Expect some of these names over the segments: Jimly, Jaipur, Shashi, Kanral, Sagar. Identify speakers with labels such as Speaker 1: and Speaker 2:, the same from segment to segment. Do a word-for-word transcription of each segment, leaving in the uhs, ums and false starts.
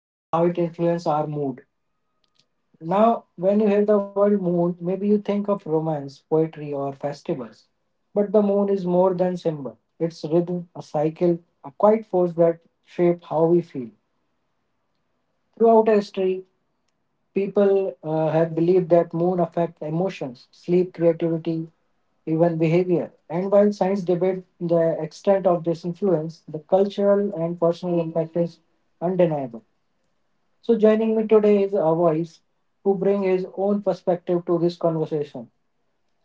Speaker 1: and how it influences our mood. Now, when you hear the word moon, maybe you think of romance, poetry, or festivals. But the moon is more than symbol. It's rhythm, a cycle, a quiet force that shape how we feel. Throughout history, people uh, have believed that moon affect emotions, sleep, creativity, even behavior. And while science debate the extent of this influence, the cultural and personal impact is undeniable. So joining me today is a voice who bring his own perspective to this conversation.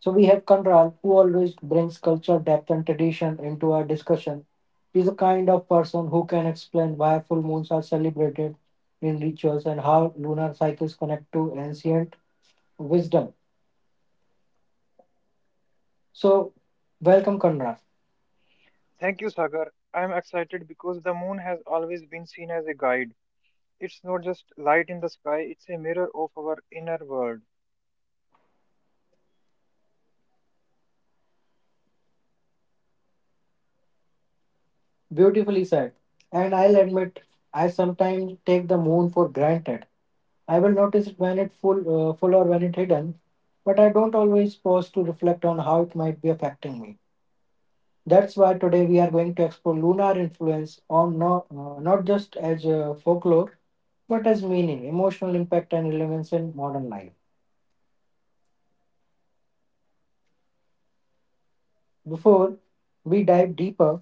Speaker 1: So we have Kanral, who always brings culture, depth, and tradition into our discussion. He's the kind of person who can explain why full moons are celebrated in rituals and how lunar cycles connect to ancient wisdom. So, welcome, Kanral.
Speaker 2: Thank you, Sagar. I'm excited because the moon has always been seen as a guide. It's not just light in the sky, it's a mirror of our inner world.
Speaker 1: Beautifully said. And I'll admit, I sometimes take the moon for granted. I will notice it when it's full, uh, full or when it's hidden, but I don't always pause to reflect on how it might be affecting me. That's why today we are going to explore lunar influence on not, uh, not just as uh, folklore, but as meaning, emotional impact, and relevance in modern life. Before we dive deeper,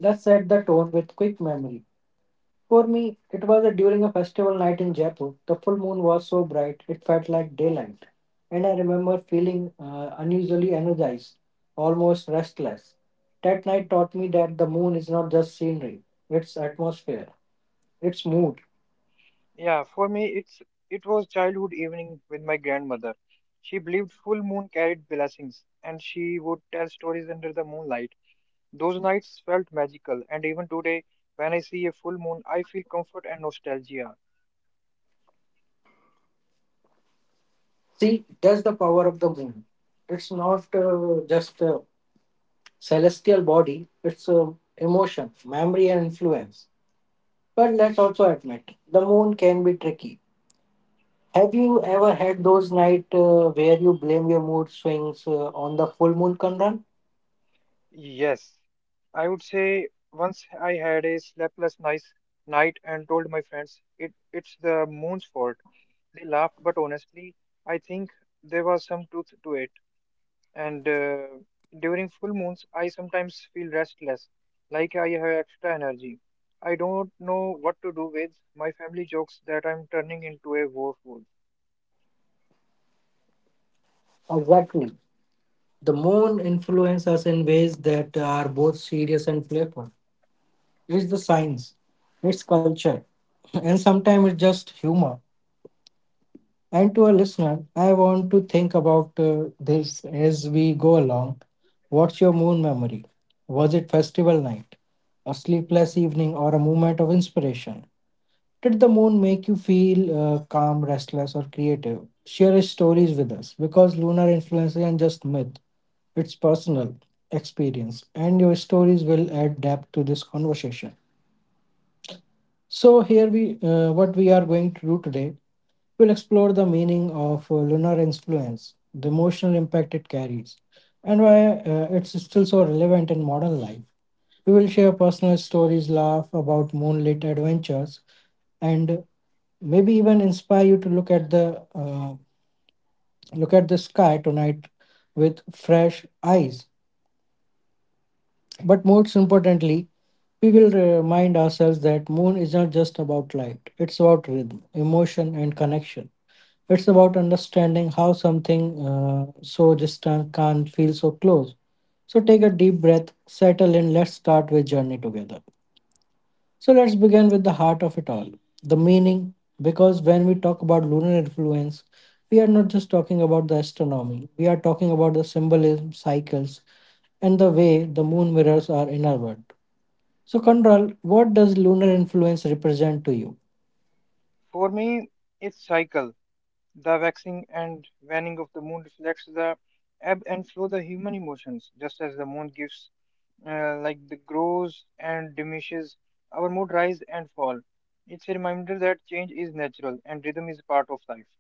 Speaker 1: let's set the tone with quick memory. For me, it was a, during a festival night in Jaipur. The full moon was so bright, it felt like daylight. And I remember feeling uh, unusually energized, almost restless. That night taught me that the moon is not just scenery, it's atmosphere, it's mood.
Speaker 2: Yeah, for me it's it was childhood evening with my grandmother. She believed full moon carried blessings and she would tell stories under the moonlight. Those nights felt magical, and even today when I see a full moon I feel comfort and nostalgia.
Speaker 1: See, that's the power of the moon. It's not uh, just a celestial body, it's uh, emotion, memory, and influence. But let's also admit, the moon can be tricky. Have you ever had those nights uh, where you blame your mood swings uh, on the full moon, conrun?
Speaker 2: Yes, I would say once I had a sleepless nice night and told my friends it it's the moon's fault. They laughed, but honestly, I think there was some truth to it. And uh, During full moons, I sometimes feel restless, like I have extra energy. I don't know what to do with. My family jokes that I'm turning into a war fool.
Speaker 1: Exactly. The moon influences us in ways that are both serious and playful. It's the science, it's culture, and sometimes it's just humor. And to our listener, I want to think about uh, this as we go along. What's your moon memory? Was it festival night, a sleepless evening, or a moment of inspiration? Did the moon make you feel uh, calm, restless, or creative? Share your stories with us because lunar influence isn't just myth, it's personal experience, and your stories will add depth to this conversation. So here we uh, what we are going to do today, we'll explore the meaning of uh, lunar influence, the emotional impact it carries, and why uh, it's still so relevant in modern life. We will share personal stories, laugh about moonlit adventures, and maybe even inspire you to look at the uh, look at the sky tonight with fresh eyes. But most importantly, we will remind ourselves that moon is not just about light. It's about rhythm, emotion, and connection. It's about understanding how something uh, so distant can feel so close. So take a deep breath, settle in, let's start with journey together. So let's begin with the heart of it all, the meaning. Because when we talk about lunar influence, we are not just talking about the astronomy, we are talking about the symbolism, cycles, and the way the moon mirrors our inner world. So, Kondral, what does lunar influence represent to you?
Speaker 2: For me, it's cycle. The waxing and waning of the moon reflects the ebb and flow of the human emotions. Just as the moon gives, uh, like the grows and diminishes, our mood rise and fall. It's a reminder that change is natural and rhythm is part of life.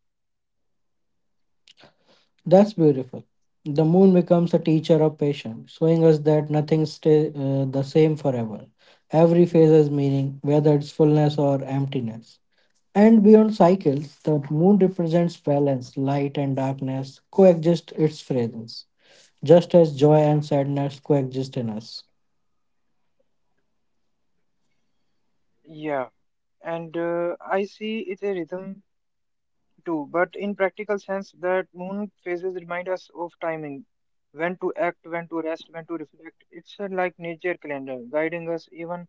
Speaker 1: That's beautiful. The moon becomes a teacher of patience, showing us that nothing stays uh, the same forever. Every phase has meaning, whether it's fullness or emptiness. And beyond cycles, the moon represents balance, light and darkness coexist its presence, just as joy and sadness coexist in us.
Speaker 2: Yeah, and uh, I see it a rhythm too, but in practical sense, that moon phases remind us of timing, when to act, when to rest, when to reflect. It's uh, like nature calendar, guiding us even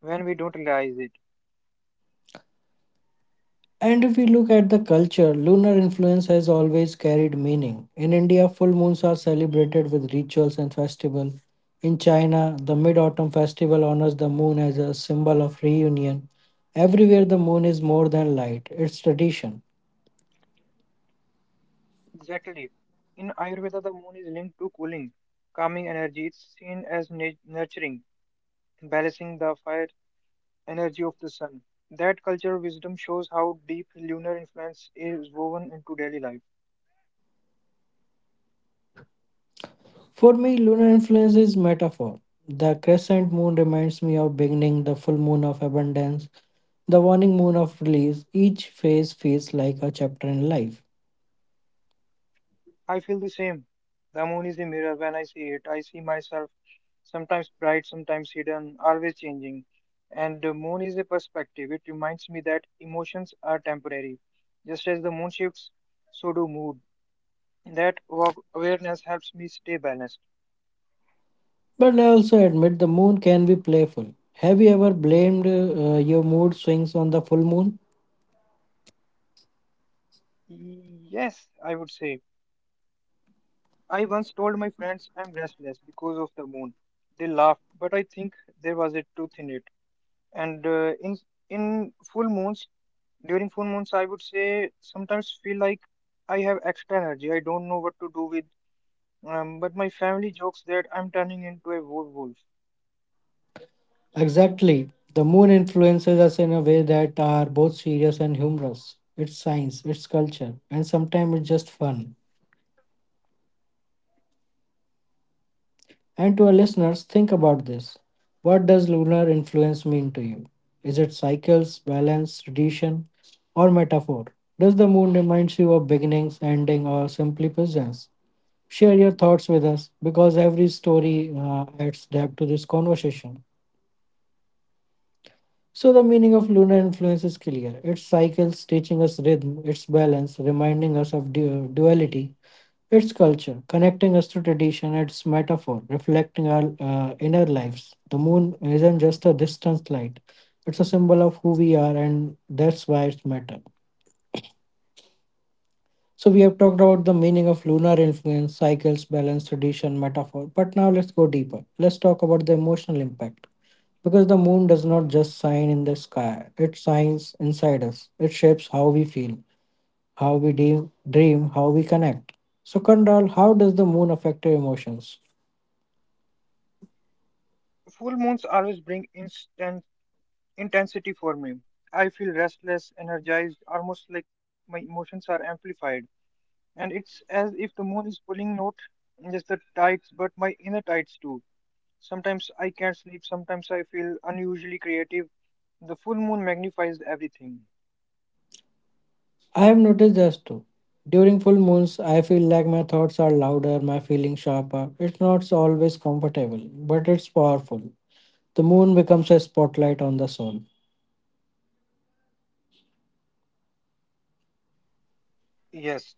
Speaker 2: when we don't realize it.
Speaker 1: And if we look at the culture, lunar influence has always carried meaning. In India, full moons are celebrated with rituals and festival. In China, the Mid Autumn Festival honors the moon as a symbol of reunion. Everywhere, the moon is more than light, it's tradition.
Speaker 2: Exactly. In Ayurveda, the moon is linked to cooling, calming energy. It's seen as nu- nurturing, balancing the fire energy of the sun. That cultural wisdom shows how deep lunar influence is woven into daily life.
Speaker 1: For me, lunar influence is metaphor. The crescent moon reminds me of beginning, the full moon of abundance, the waning moon of release. Each phase feels like a chapter in life.
Speaker 2: I feel the same. The moon is a mirror. When I see it, I see myself, sometimes bright, sometimes hidden, always changing. And the moon is a perspective. It reminds me that emotions are temporary. Just as the moon shifts, so do mood. That wa- awareness helps me stay balanced.
Speaker 1: But I also admit the moon can be playful. Have you ever blamed uh, your mood swings on the full moon?
Speaker 2: Yes, I would say. I once told my friends I'm restless because of the moon. They laughed, but I think there was a truth in it. And uh, in in full moons, during full moons, I would say sometimes feel like I have extra energy. I don't know what to do with. Um, but my family jokes that I'm turning into a werewolf.
Speaker 1: Exactly. The moon influences us in a way that are both serious and humorous. It's science, it's culture, and sometimes it's just fun. And to our listeners, think about this. What does lunar influence mean to you? Is it cycles, balance, tradition, or metaphor? Does the moon remind you of beginnings, ending, or simply presence? Share your thoughts with us because every story uh, adds depth to this conversation. So the meaning of lunar influence is clear. Its cycles teaching us rhythm, its balance reminding us of du- duality, its culture connecting us to tradition, its metaphor reflecting our uh, inner lives. The moon isn't just a distant light; it's a symbol of who we are, and that's why it's matter. So we have talked about the meaning of lunar influence, cycles, balance, tradition, metaphor. But now let's go deeper. Let's talk about the emotional impact. Because the moon does not just shine in the sky, it shines inside us. It shapes how we feel, how we de- dream, how we connect. So, Kandral, how does the moon affect your emotions?
Speaker 2: Full moons always bring instant intensity for me. I feel restless, energized, almost like my emotions are amplified. And it's as if the moon is pulling not just the tides, but my inner tides too. Sometimes I can't sleep, sometimes I feel unusually creative. The full moon magnifies everything.
Speaker 1: I have noticed this too. During full moons, I feel like my thoughts are louder, my feelings sharper. It's not always comfortable, but it's powerful. The moon becomes a spotlight on the soul.
Speaker 2: Yes,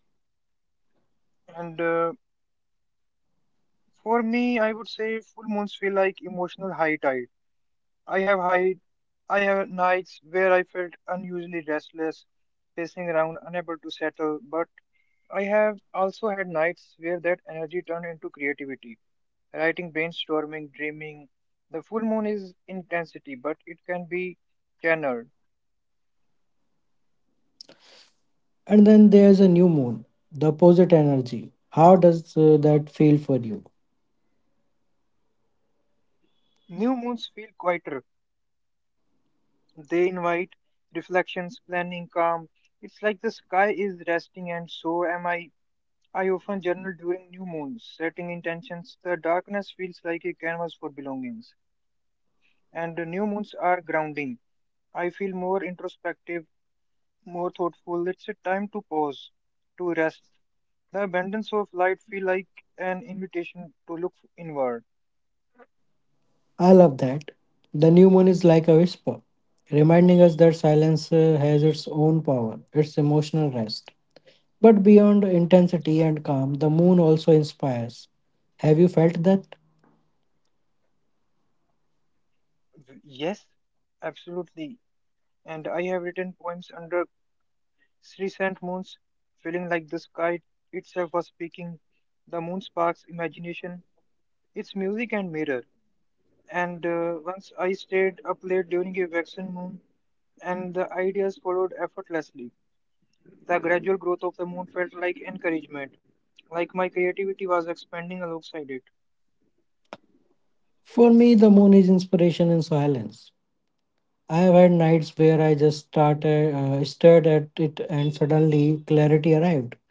Speaker 2: and uh, for me, I would say full moons feel like emotional high tide. I have high, I have nights where I felt unusually restless, pacing around, unable to settle, but I have also had nights where that energy turned into creativity. Writing, brainstorming, dreaming. The full moon is intensity, but it can be channeled.
Speaker 1: And then there's a new moon, the opposite energy. How does uh, that feel for you?
Speaker 2: New moons feel quieter. They invite reflections, planning, calm. It's like the sky is resting, and so am I. I often journal during new moons, setting intentions. The darkness feels like a canvas for belongings. And the new moons are grounding. I feel more introspective, more thoughtful. It's a time to pause, to rest. The abundance of light feel like an invitation to look inward.
Speaker 1: I love that. The new moon is like a whisper, reminding us that silence uh, has its own power, its emotional rest. But beyond intensity and calm, the moon also inspires. Have you felt that?
Speaker 2: V- Yes, absolutely. And I have written poems under three cent moons, feeling like the sky itself was speaking. The moon sparks imagination. It's music and mirror. And uh, Once I stayed up late during a waxing moon, and the ideas followed effortlessly. The gradual growth of the moon felt like encouragement, like my creativity was expanding alongside it.
Speaker 1: For me, the moon is inspiration in silence. I have had nights where I just started, uh, stared at it and suddenly clarity arrived.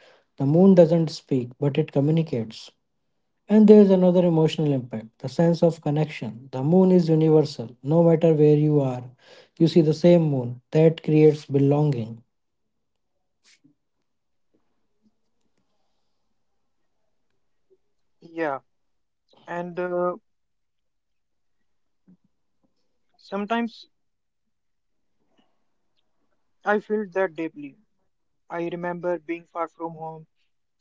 Speaker 1: The moon doesn't speak, but it communicates. And there's another emotional impact, the sense of connection. The moon is universal. No matter where you are, you see the same moon. That creates belonging.
Speaker 2: Yeah, and uh, sometimes I felt that deeply. I remember being far from home,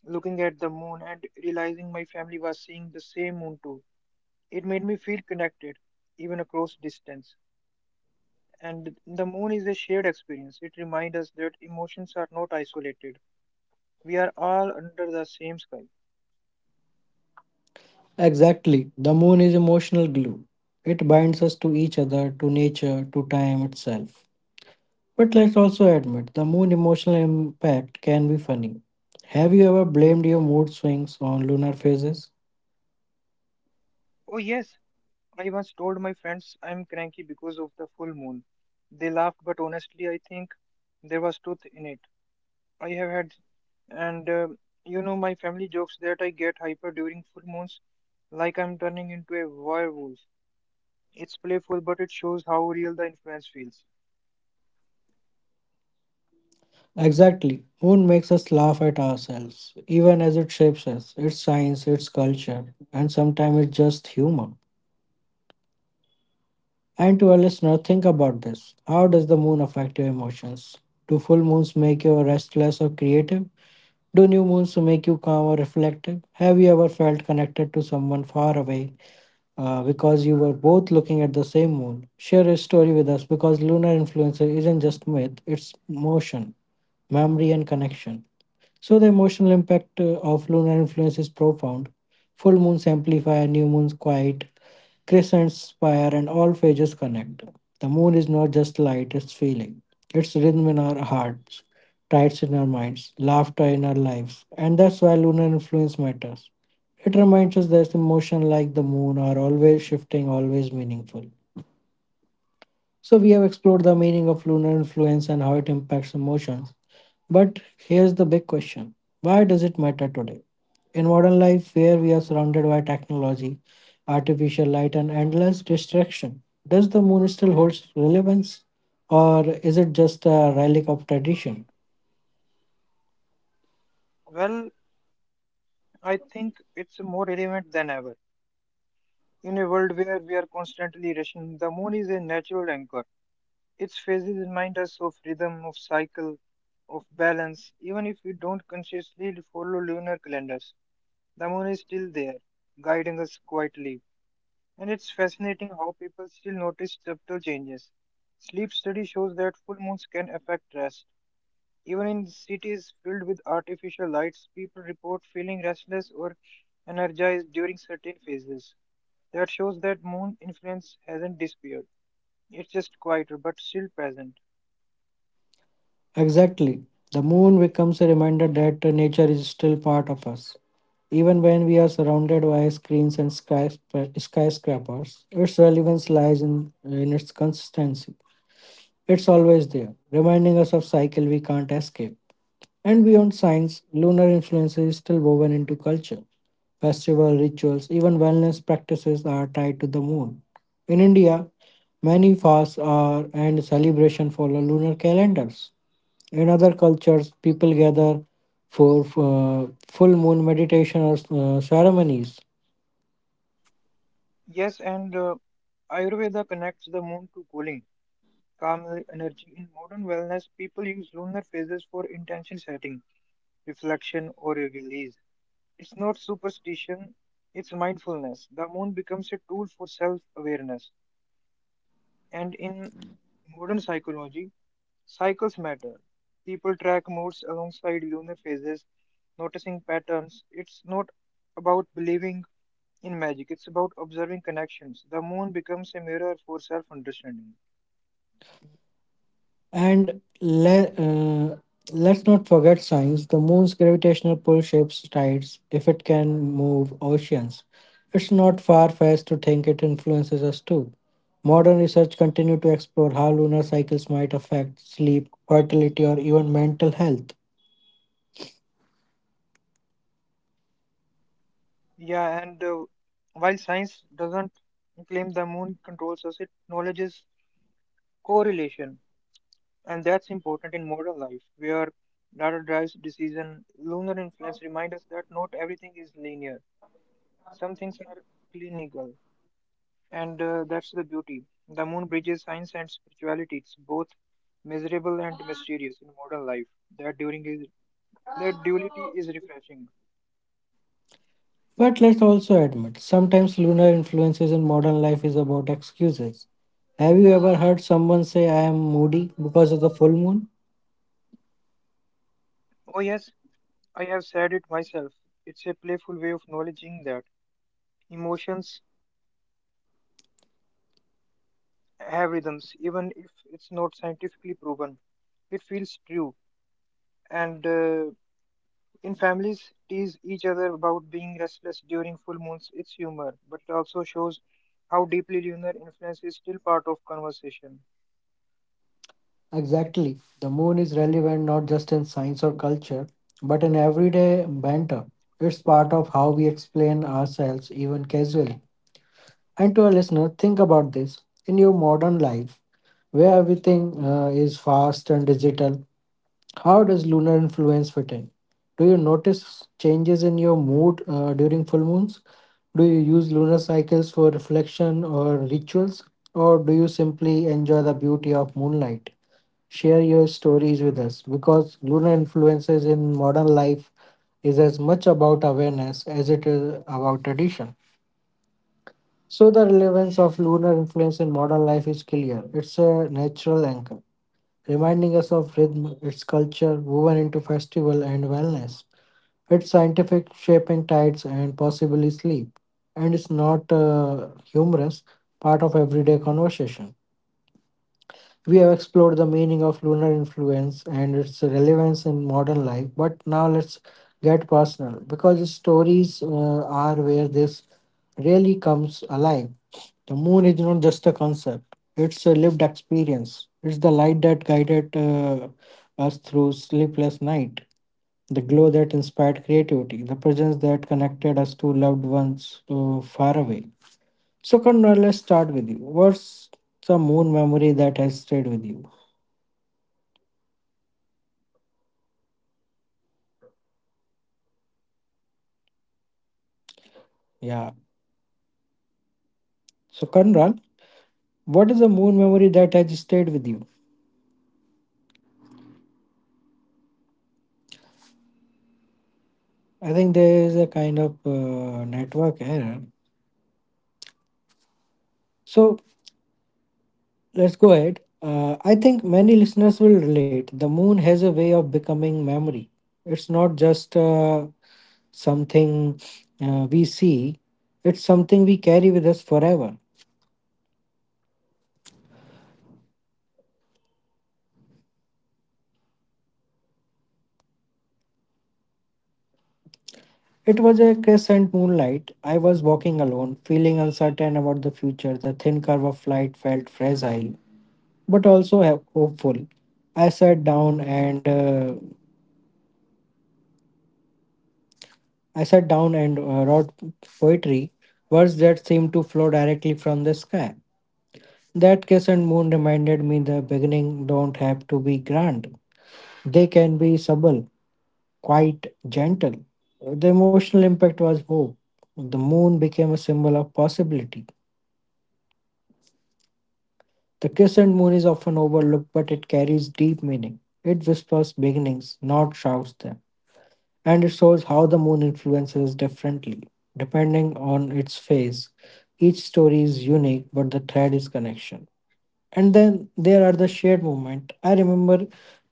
Speaker 2: looking at the moon, and realizing my family was seeing the same moon too. It made me feel connected, even across distance. And the moon is a shared experience. It reminds us that emotions are not isolated. We are all under the same sky.
Speaker 1: Exactly. The moon is emotional glue. It binds us to each other, to nature, to time itself. But let's also admit the moon emotional impact can be funny. Have you ever blamed your mood swings on lunar phases?
Speaker 2: Oh, yes, I once told my friends I'm cranky because of the full moon. They laughed, but honestly, I think there was truth in it. I have had, and uh, you know, my family jokes that I get hyper during full moons, like I'm turning into a werewolf. It's playful, but it shows how real the influence feels.
Speaker 1: Exactly. Moon makes us laugh at ourselves, even as it shapes us, its science, its culture, and sometimes it's just humor. And to our listener, think about this. How does the moon affect your emotions? Do full moons make you restless or creative? Do new moons make you calm or reflective? Have you ever felt connected to someone far away uh, because you were both looking at the same moon. Share a story with us because lunar influence isn't just myth, it's motion, memory, and connection. So the emotional impact uh, of lunar influence is profound. Full moons amplify, new moons quiet, crescents spire, and all phases connect. The moon is not just light, it's feeling. It's rhythm in our hearts, tides in our minds, laughter in our lives. And that's why lunar influence matters. It reminds us that emotion like the moon are always shifting, always meaningful. So we have explored the meaning of lunar influence and how it impacts emotions. But here's the big question. Why does it matter today? In modern life where we are surrounded by technology, artificial light and endless distraction, does the moon still hold relevance or is it just a relic of tradition?
Speaker 2: Well, I think it's more relevant than ever. In a world where we are constantly rushing, the moon is a natural anchor. Its phases remind us of rhythm, of cycle, of balance. Even if we don't consciously follow lunar calendars, the moon is still there, guiding us quietly. And it's fascinating how people still notice subtle changes. Sleep study shows that full moons can affect rest. Even in cities filled with artificial lights, people report feeling restless or energized during certain phases. That shows that moon influence hasn't disappeared. It's just quieter but still present.
Speaker 1: Exactly. The moon becomes a reminder that nature is still part of us. Even when we are surrounded by screens and skysc- skyscrapers, its relevance lies in, in its consistency. It's always there, reminding us of cycle we can't escape. And beyond science, lunar influence is still woven into culture. Festival rituals, even wellness practices are tied to the moon. In India, many fasts are and celebration follow lunar calendars in other cultures, people gather for uh, full moon meditation or uh, ceremonies.
Speaker 2: Yes, and uh, Ayurveda connects the moon to cooling, calm energy. In modern wellness, people use lunar phases for intention setting, reflection, or release. It's not superstition, it's mindfulness. The moon becomes a tool for self awareness. And in modern psychology, cycles matter. People track moods alongside lunar phases, noticing patterns. It's not about believing in magic, it's about observing connections. The moon becomes a mirror for self understanding.
Speaker 1: And le- uh, let's not forget science. The moon's gravitational pull shapes tides if it can move oceans. It's not far fetched to think it influences us too. Modern research continues to explore how lunar cycles might affect sleep, fertility, or even mental health.
Speaker 2: Yeah, and uh, while science doesn't claim the moon controls us, it acknowledges correlation. And that's important in modern life, where data drives decision. Lunar influence reminds us that not everything is linear. Some things are clinical, and uh, that's the beauty. The moon bridges science and spirituality. It's both miserable and mysterious in modern life. That during is that duality is refreshing.
Speaker 1: But let's also admit, sometimes lunar influences in modern life is about excuses. Have you ever heard someone say, I am moody because of the full moon?
Speaker 2: Oh yes, I have said it myself. It's a playful way of acknowledging that emotions have rhythms, even if it's not scientifically proven. It feels true, and uh, in families tease each other about being restless during full moons. It's humor, but it also shows how deeply lunar influence is still part of conversation.
Speaker 1: Exactly. The moon is relevant not just in science or culture, but in everyday banter. It's part of how we explain ourselves, even casually. And to a listener, think about this. In your modern life, where everything uh, is fast and digital. How does lunar influence fit in? Do you notice changes in your mood uh, during full moons? Do you use lunar cycles for reflection or rituals? Or do you simply enjoy the beauty of moonlight? Share your stories with us because lunar influences in modern life is as much about awareness as it is about tradition. So, the relevance of lunar influence in modern life is clear. It's a natural anchor reminding us of rhythm, its culture woven into festival and wellness, its scientific shaping tides and possibly sleep, and it's not uh, humorous part of everyday conversation. We have explored the meaning of lunar influence and its relevance in modern life, but now let's get personal because stories uh, are where this really comes alive. The moon is not just a concept, it's a lived experience. It's the light that guided uh, us through sleepless night, the glow that inspired creativity, the presence that connected us to loved ones uh, far away. So, Kandra, let's start with you. What's the moon memory that has stayed with you? Yeah. So, Kandral, what is the moon memory that has stayed with you? I think there is a kind of uh, network error. So, let's go ahead. Uh, I think many listeners will relate. The moon has a way of becoming memory. It's not just uh, something uh, we see, it's something we carry with us forever. It was a crescent moonlight. I was walking alone, feeling uncertain about the future. The thin curve of light felt fragile, but also ho- hopeful. I sat down and uh, I sat down and uh, wrote poetry, words that seemed to flow directly from the sky. That crescent moon reminded me the beginning don't have to be grand. They can be subtle, quite gentle. The emotional impact was hope. The moon became a symbol of possibility. The crescent moon is often overlooked, but it carries deep meaning. It whispers beginnings, not shouts them, and it shows how the moon influences differently depending on its phase. Each story is unique, but the thread is connection. And then there are the shared moments. I remember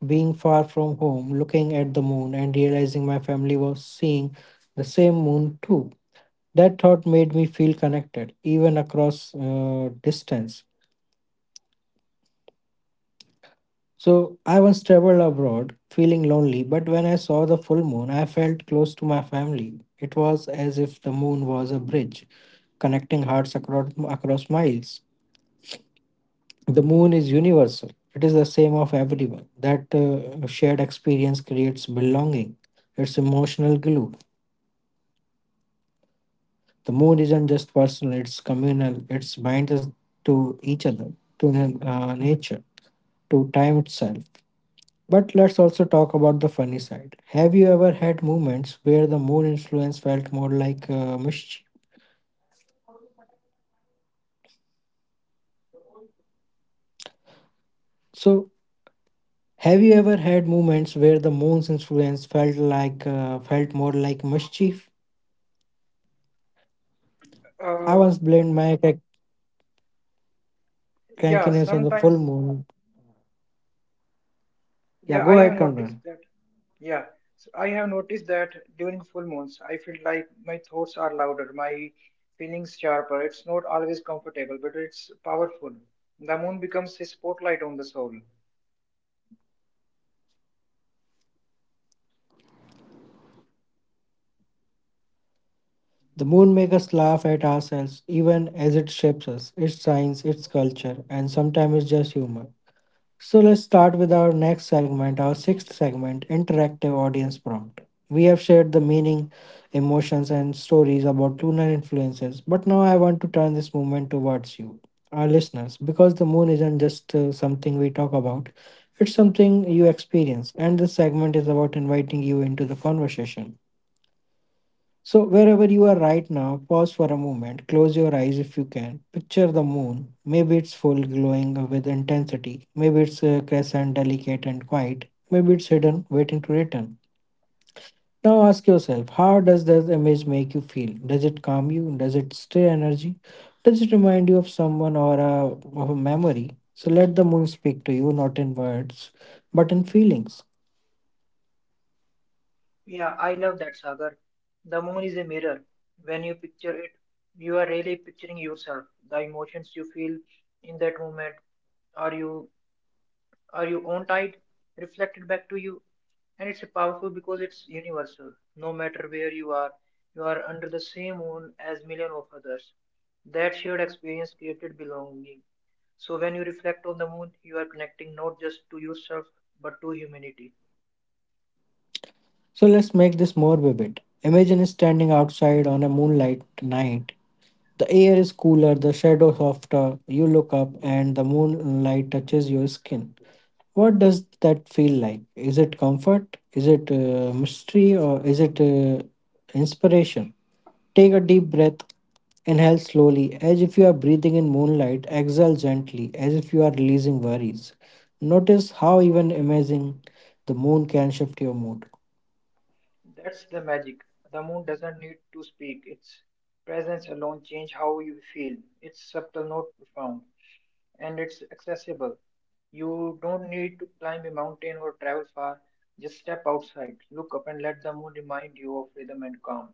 Speaker 1: being far from home, looking at the moon, and realizing my family was seeing the same moon too. That thought made me feel connected, even across uh, distance. So I once traveled abroad feeling lonely, but when I saw the full moon, I felt close to my family. It was as if the moon was a bridge connecting hearts across, across miles. The moon is universal, it is the same of everyone. That uh, shared experience creates belonging, it's emotional glue. The moon isn't just personal, it's communal, it binds us to each other, to na- uh, nature, to time itself. But let's also talk about the funny side. Have you ever had moments where the moon influence felt more like uh, mischief? So, have you ever had moments where the moon's influence felt like uh, felt more like mischief?
Speaker 3: Uh,
Speaker 1: I once blamed my cra-
Speaker 3: yeah,
Speaker 1: crankiness on the
Speaker 3: sometimes,
Speaker 1: full moon.
Speaker 3: yeah,
Speaker 1: Yeah,
Speaker 3: I
Speaker 1: go
Speaker 3: have
Speaker 1: ahead,
Speaker 3: noticed
Speaker 1: Conrad.
Speaker 3: that. Yeah, so I have noticed that during full moons, I feel like my thoughts are louder, my feelings sharper. It's not always comfortable, but it's powerful. The moon becomes a spotlight on the soul.
Speaker 1: The moon makes us laugh at ourselves, even as it shapes us, its science, its culture, and sometimes it's just humor. So let's start with our next segment, our sixth segment, interactive audience prompt. We have shared the meaning, emotions, and stories about lunar influences, but now I want to turn this movement towards you, our listeners, because the moon isn't just uh, something we talk about, it's something you experience, and this segment is about inviting you into the conversation. So, wherever you are right now, pause for a moment, close your eyes if you can. Picture the moon. Maybe it's full, glowing with intensity. Maybe it's a crescent, delicate and quiet. Maybe it's hidden, waiting to return. Now ask yourself, how does that image make you feel? Does it calm you? Does it stir energy? Does it remind you of someone or a, of a memory? So let the moon speak to you, not in words, but in feelings.
Speaker 3: Yeah, I love that, Sagar. The moon is a mirror. When you picture it, you are really picturing yourself, the emotions you feel in that moment. Are you are you on tide reflected back to you? And it's powerful because it's universal. No matter where you are, you are under the same moon as million of others. That shared experience created belonging. So when you reflect on the moon, you are connecting not just to yourself but to humanity.
Speaker 1: So let's make this more vivid. Imagine standing outside on a moonlight night. The air is cooler, the shadow softer. You look up and the moonlight touches your skin. What does that feel like? Is it comfort? Is it uh, mystery or is it uh, inspiration? Take a deep breath. Inhale slowly, as if you are breathing in moonlight. Exhale gently, as if you are releasing worries. Notice how even amazing the moon can shift your mood.
Speaker 3: That's the magic. The moon doesn't need to speak. Its presence alone changes how you feel. It's subtle, not profound. And it's accessible. You don't need to climb a mountain or travel far. Just step outside, look up, and let the moon remind you of rhythm and calm.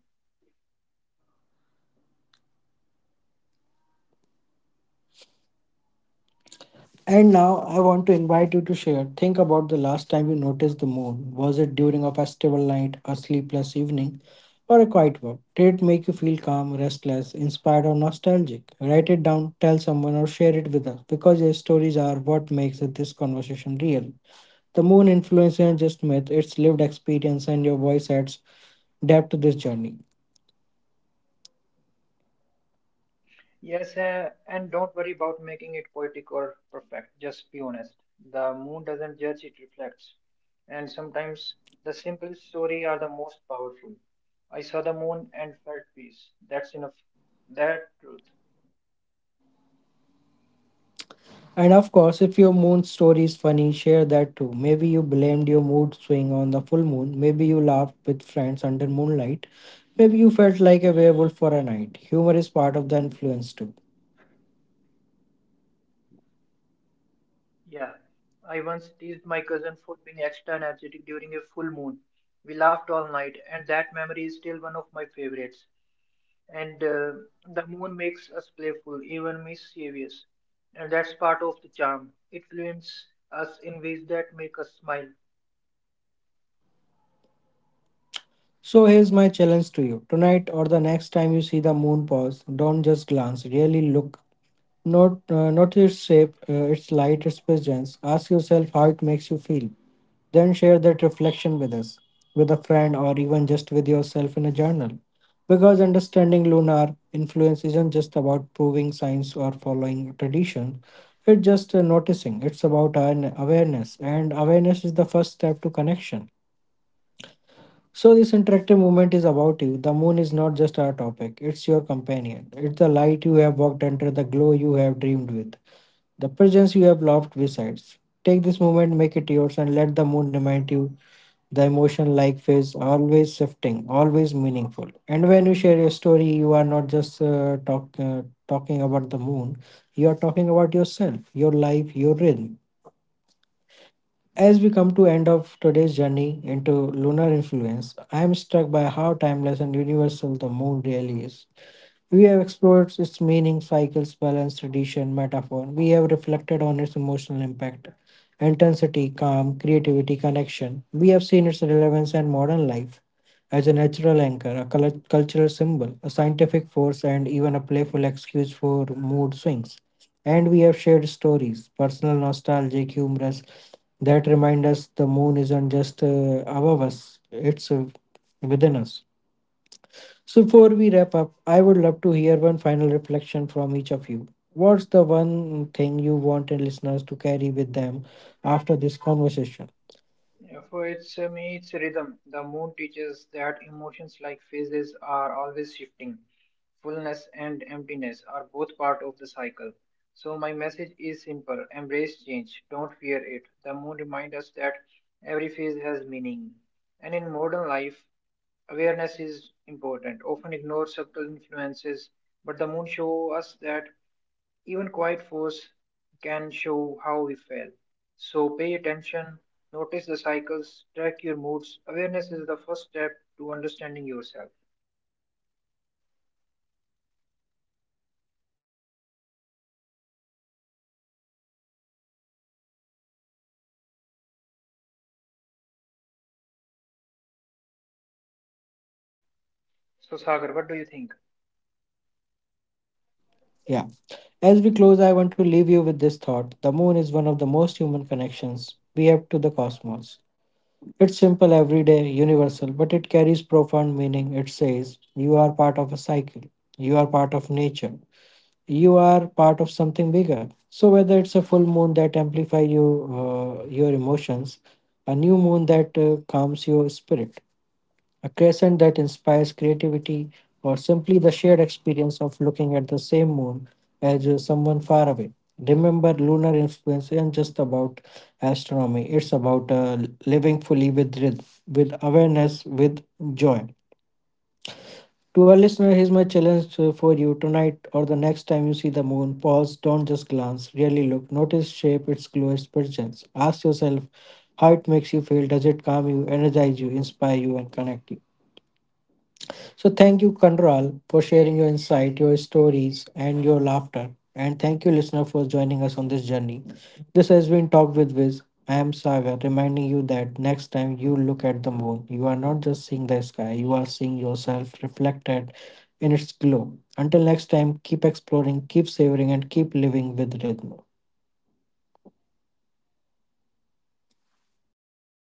Speaker 1: And now I want to invite you to share. Think about the last time you noticed the moon. Was it during a festival night, a sleepless evening, or a quiet walk? Did it make you feel calm, restless, inspired, or nostalgic? Write it down, tell someone, or share it with us because your stories are what makes this conversation real. The moon influence isn't just myth, it's lived experience, and your voice adds depth to this journey.
Speaker 3: Yes, uh, and don't worry about making it poetic or perfect. Just be honest. The moon doesn't judge, it reflects. And sometimes the simplest story are the most powerful. I saw the moon and felt peace. That's enough. That truth.
Speaker 1: And of course, if your moon story is funny, share that too. Maybe you blamed your mood swing on the full moon. Maybe you laughed with friends under moonlight. Maybe you felt like a werewolf for a night. Humor is part of the influence too.
Speaker 3: Yeah, I once teased my cousin for being extra energetic during a full moon. We laughed all night, and that memory is still one of my favorites. And uh, the moon makes us playful, even mischievous, and that's part of the charm. It influences us in ways that make us smile.
Speaker 1: So here's my challenge to you. Tonight or the next time you see the moon pause, don't just glance, really look. Note, uh, note its shape, uh, its light, its presence. Ask yourself how it makes you feel. Then share that reflection with us, with a friend, or even just with yourself in a journal. Because understanding lunar influence isn't just about proving science or following tradition, it's just uh, noticing. It's about an awareness, and awareness is the first step to connection. So, this interactive movement is about you. The moon is not just our topic, it's your companion. It's the light you have walked under, the glow you have dreamed with, the presence you have loved besides. Take this moment, make it yours, and let the moon remind you the emotion like phase, always shifting, always meaningful. And when you share your story, you are not just uh, talk, uh, talking about the moon, you are talking about yourself, your life, your rhythm. As we come to end of today's journey into lunar influence, I am struck by how timeless and universal the moon really is. We have explored its meaning, cycles, balance, tradition, metaphor. We have reflected on its emotional impact, intensity, calm, creativity, connection. We have seen its relevance in modern life as a natural anchor, a cul- cultural symbol, a scientific force, and even a playful excuse for mood swings. And we have shared stories, personal, nostalgic, humorous, that remind us the moon isn't just uh, above us, it's uh, within us. So, before we wrap up, I would love to hear one final reflection from each of you. What's the one thing you wanted listeners to carry with them after this conversation?
Speaker 3: Yeah, For its uh, me, it's rhythm. The moon teaches that emotions like phases are always shifting. Fullness and emptiness are both part of the cycle. So my message is simple: embrace change, don't fear it. The moon reminds us that every phase has meaning, and in modern life, awareness is important. Often ignore subtle influences, but the moon shows us that even quiet force can show how we feel. So pay attention, notice the cycles, track your moods. Awareness is the first step to understanding yourself. So, Sagar, what do you think?
Speaker 1: Yeah. As we close, I want to leave you with this thought the moon is one of the most human connections we have to the cosmos. It's simple, everyday, universal, but it carries profound meaning. It says, You are part of a cycle, you are part of nature, you are part of something bigger so whether it's a full moon that amplify you uh, your emotions a new moon that uh, calms your spirit a crescent that inspires creativity or simply the shared experience of looking at the same moon as uh, someone far away remember lunar influence isn't just about astronomy it's about uh, living fully with rhythm, with awareness with joy to our listener, here's my challenge uh, for you tonight or the next time you see the moon. Pause, don't just glance, really look. Notice shape, its glow, its presence. Ask yourself how it makes you feel. Does it calm you, energize you, inspire you, and connect you? So thank you, Kandral, for sharing your insight, your stories, and your laughter. And thank you, listener, for joining us on this journey. This has been Talk with Viz. I am Sagar, reminding you that next time you look at the moon, you are not just seeing the sky, you are seeing yourself reflected in its glow. Until next time, keep exploring, keep savoring, and keep living with rhythm.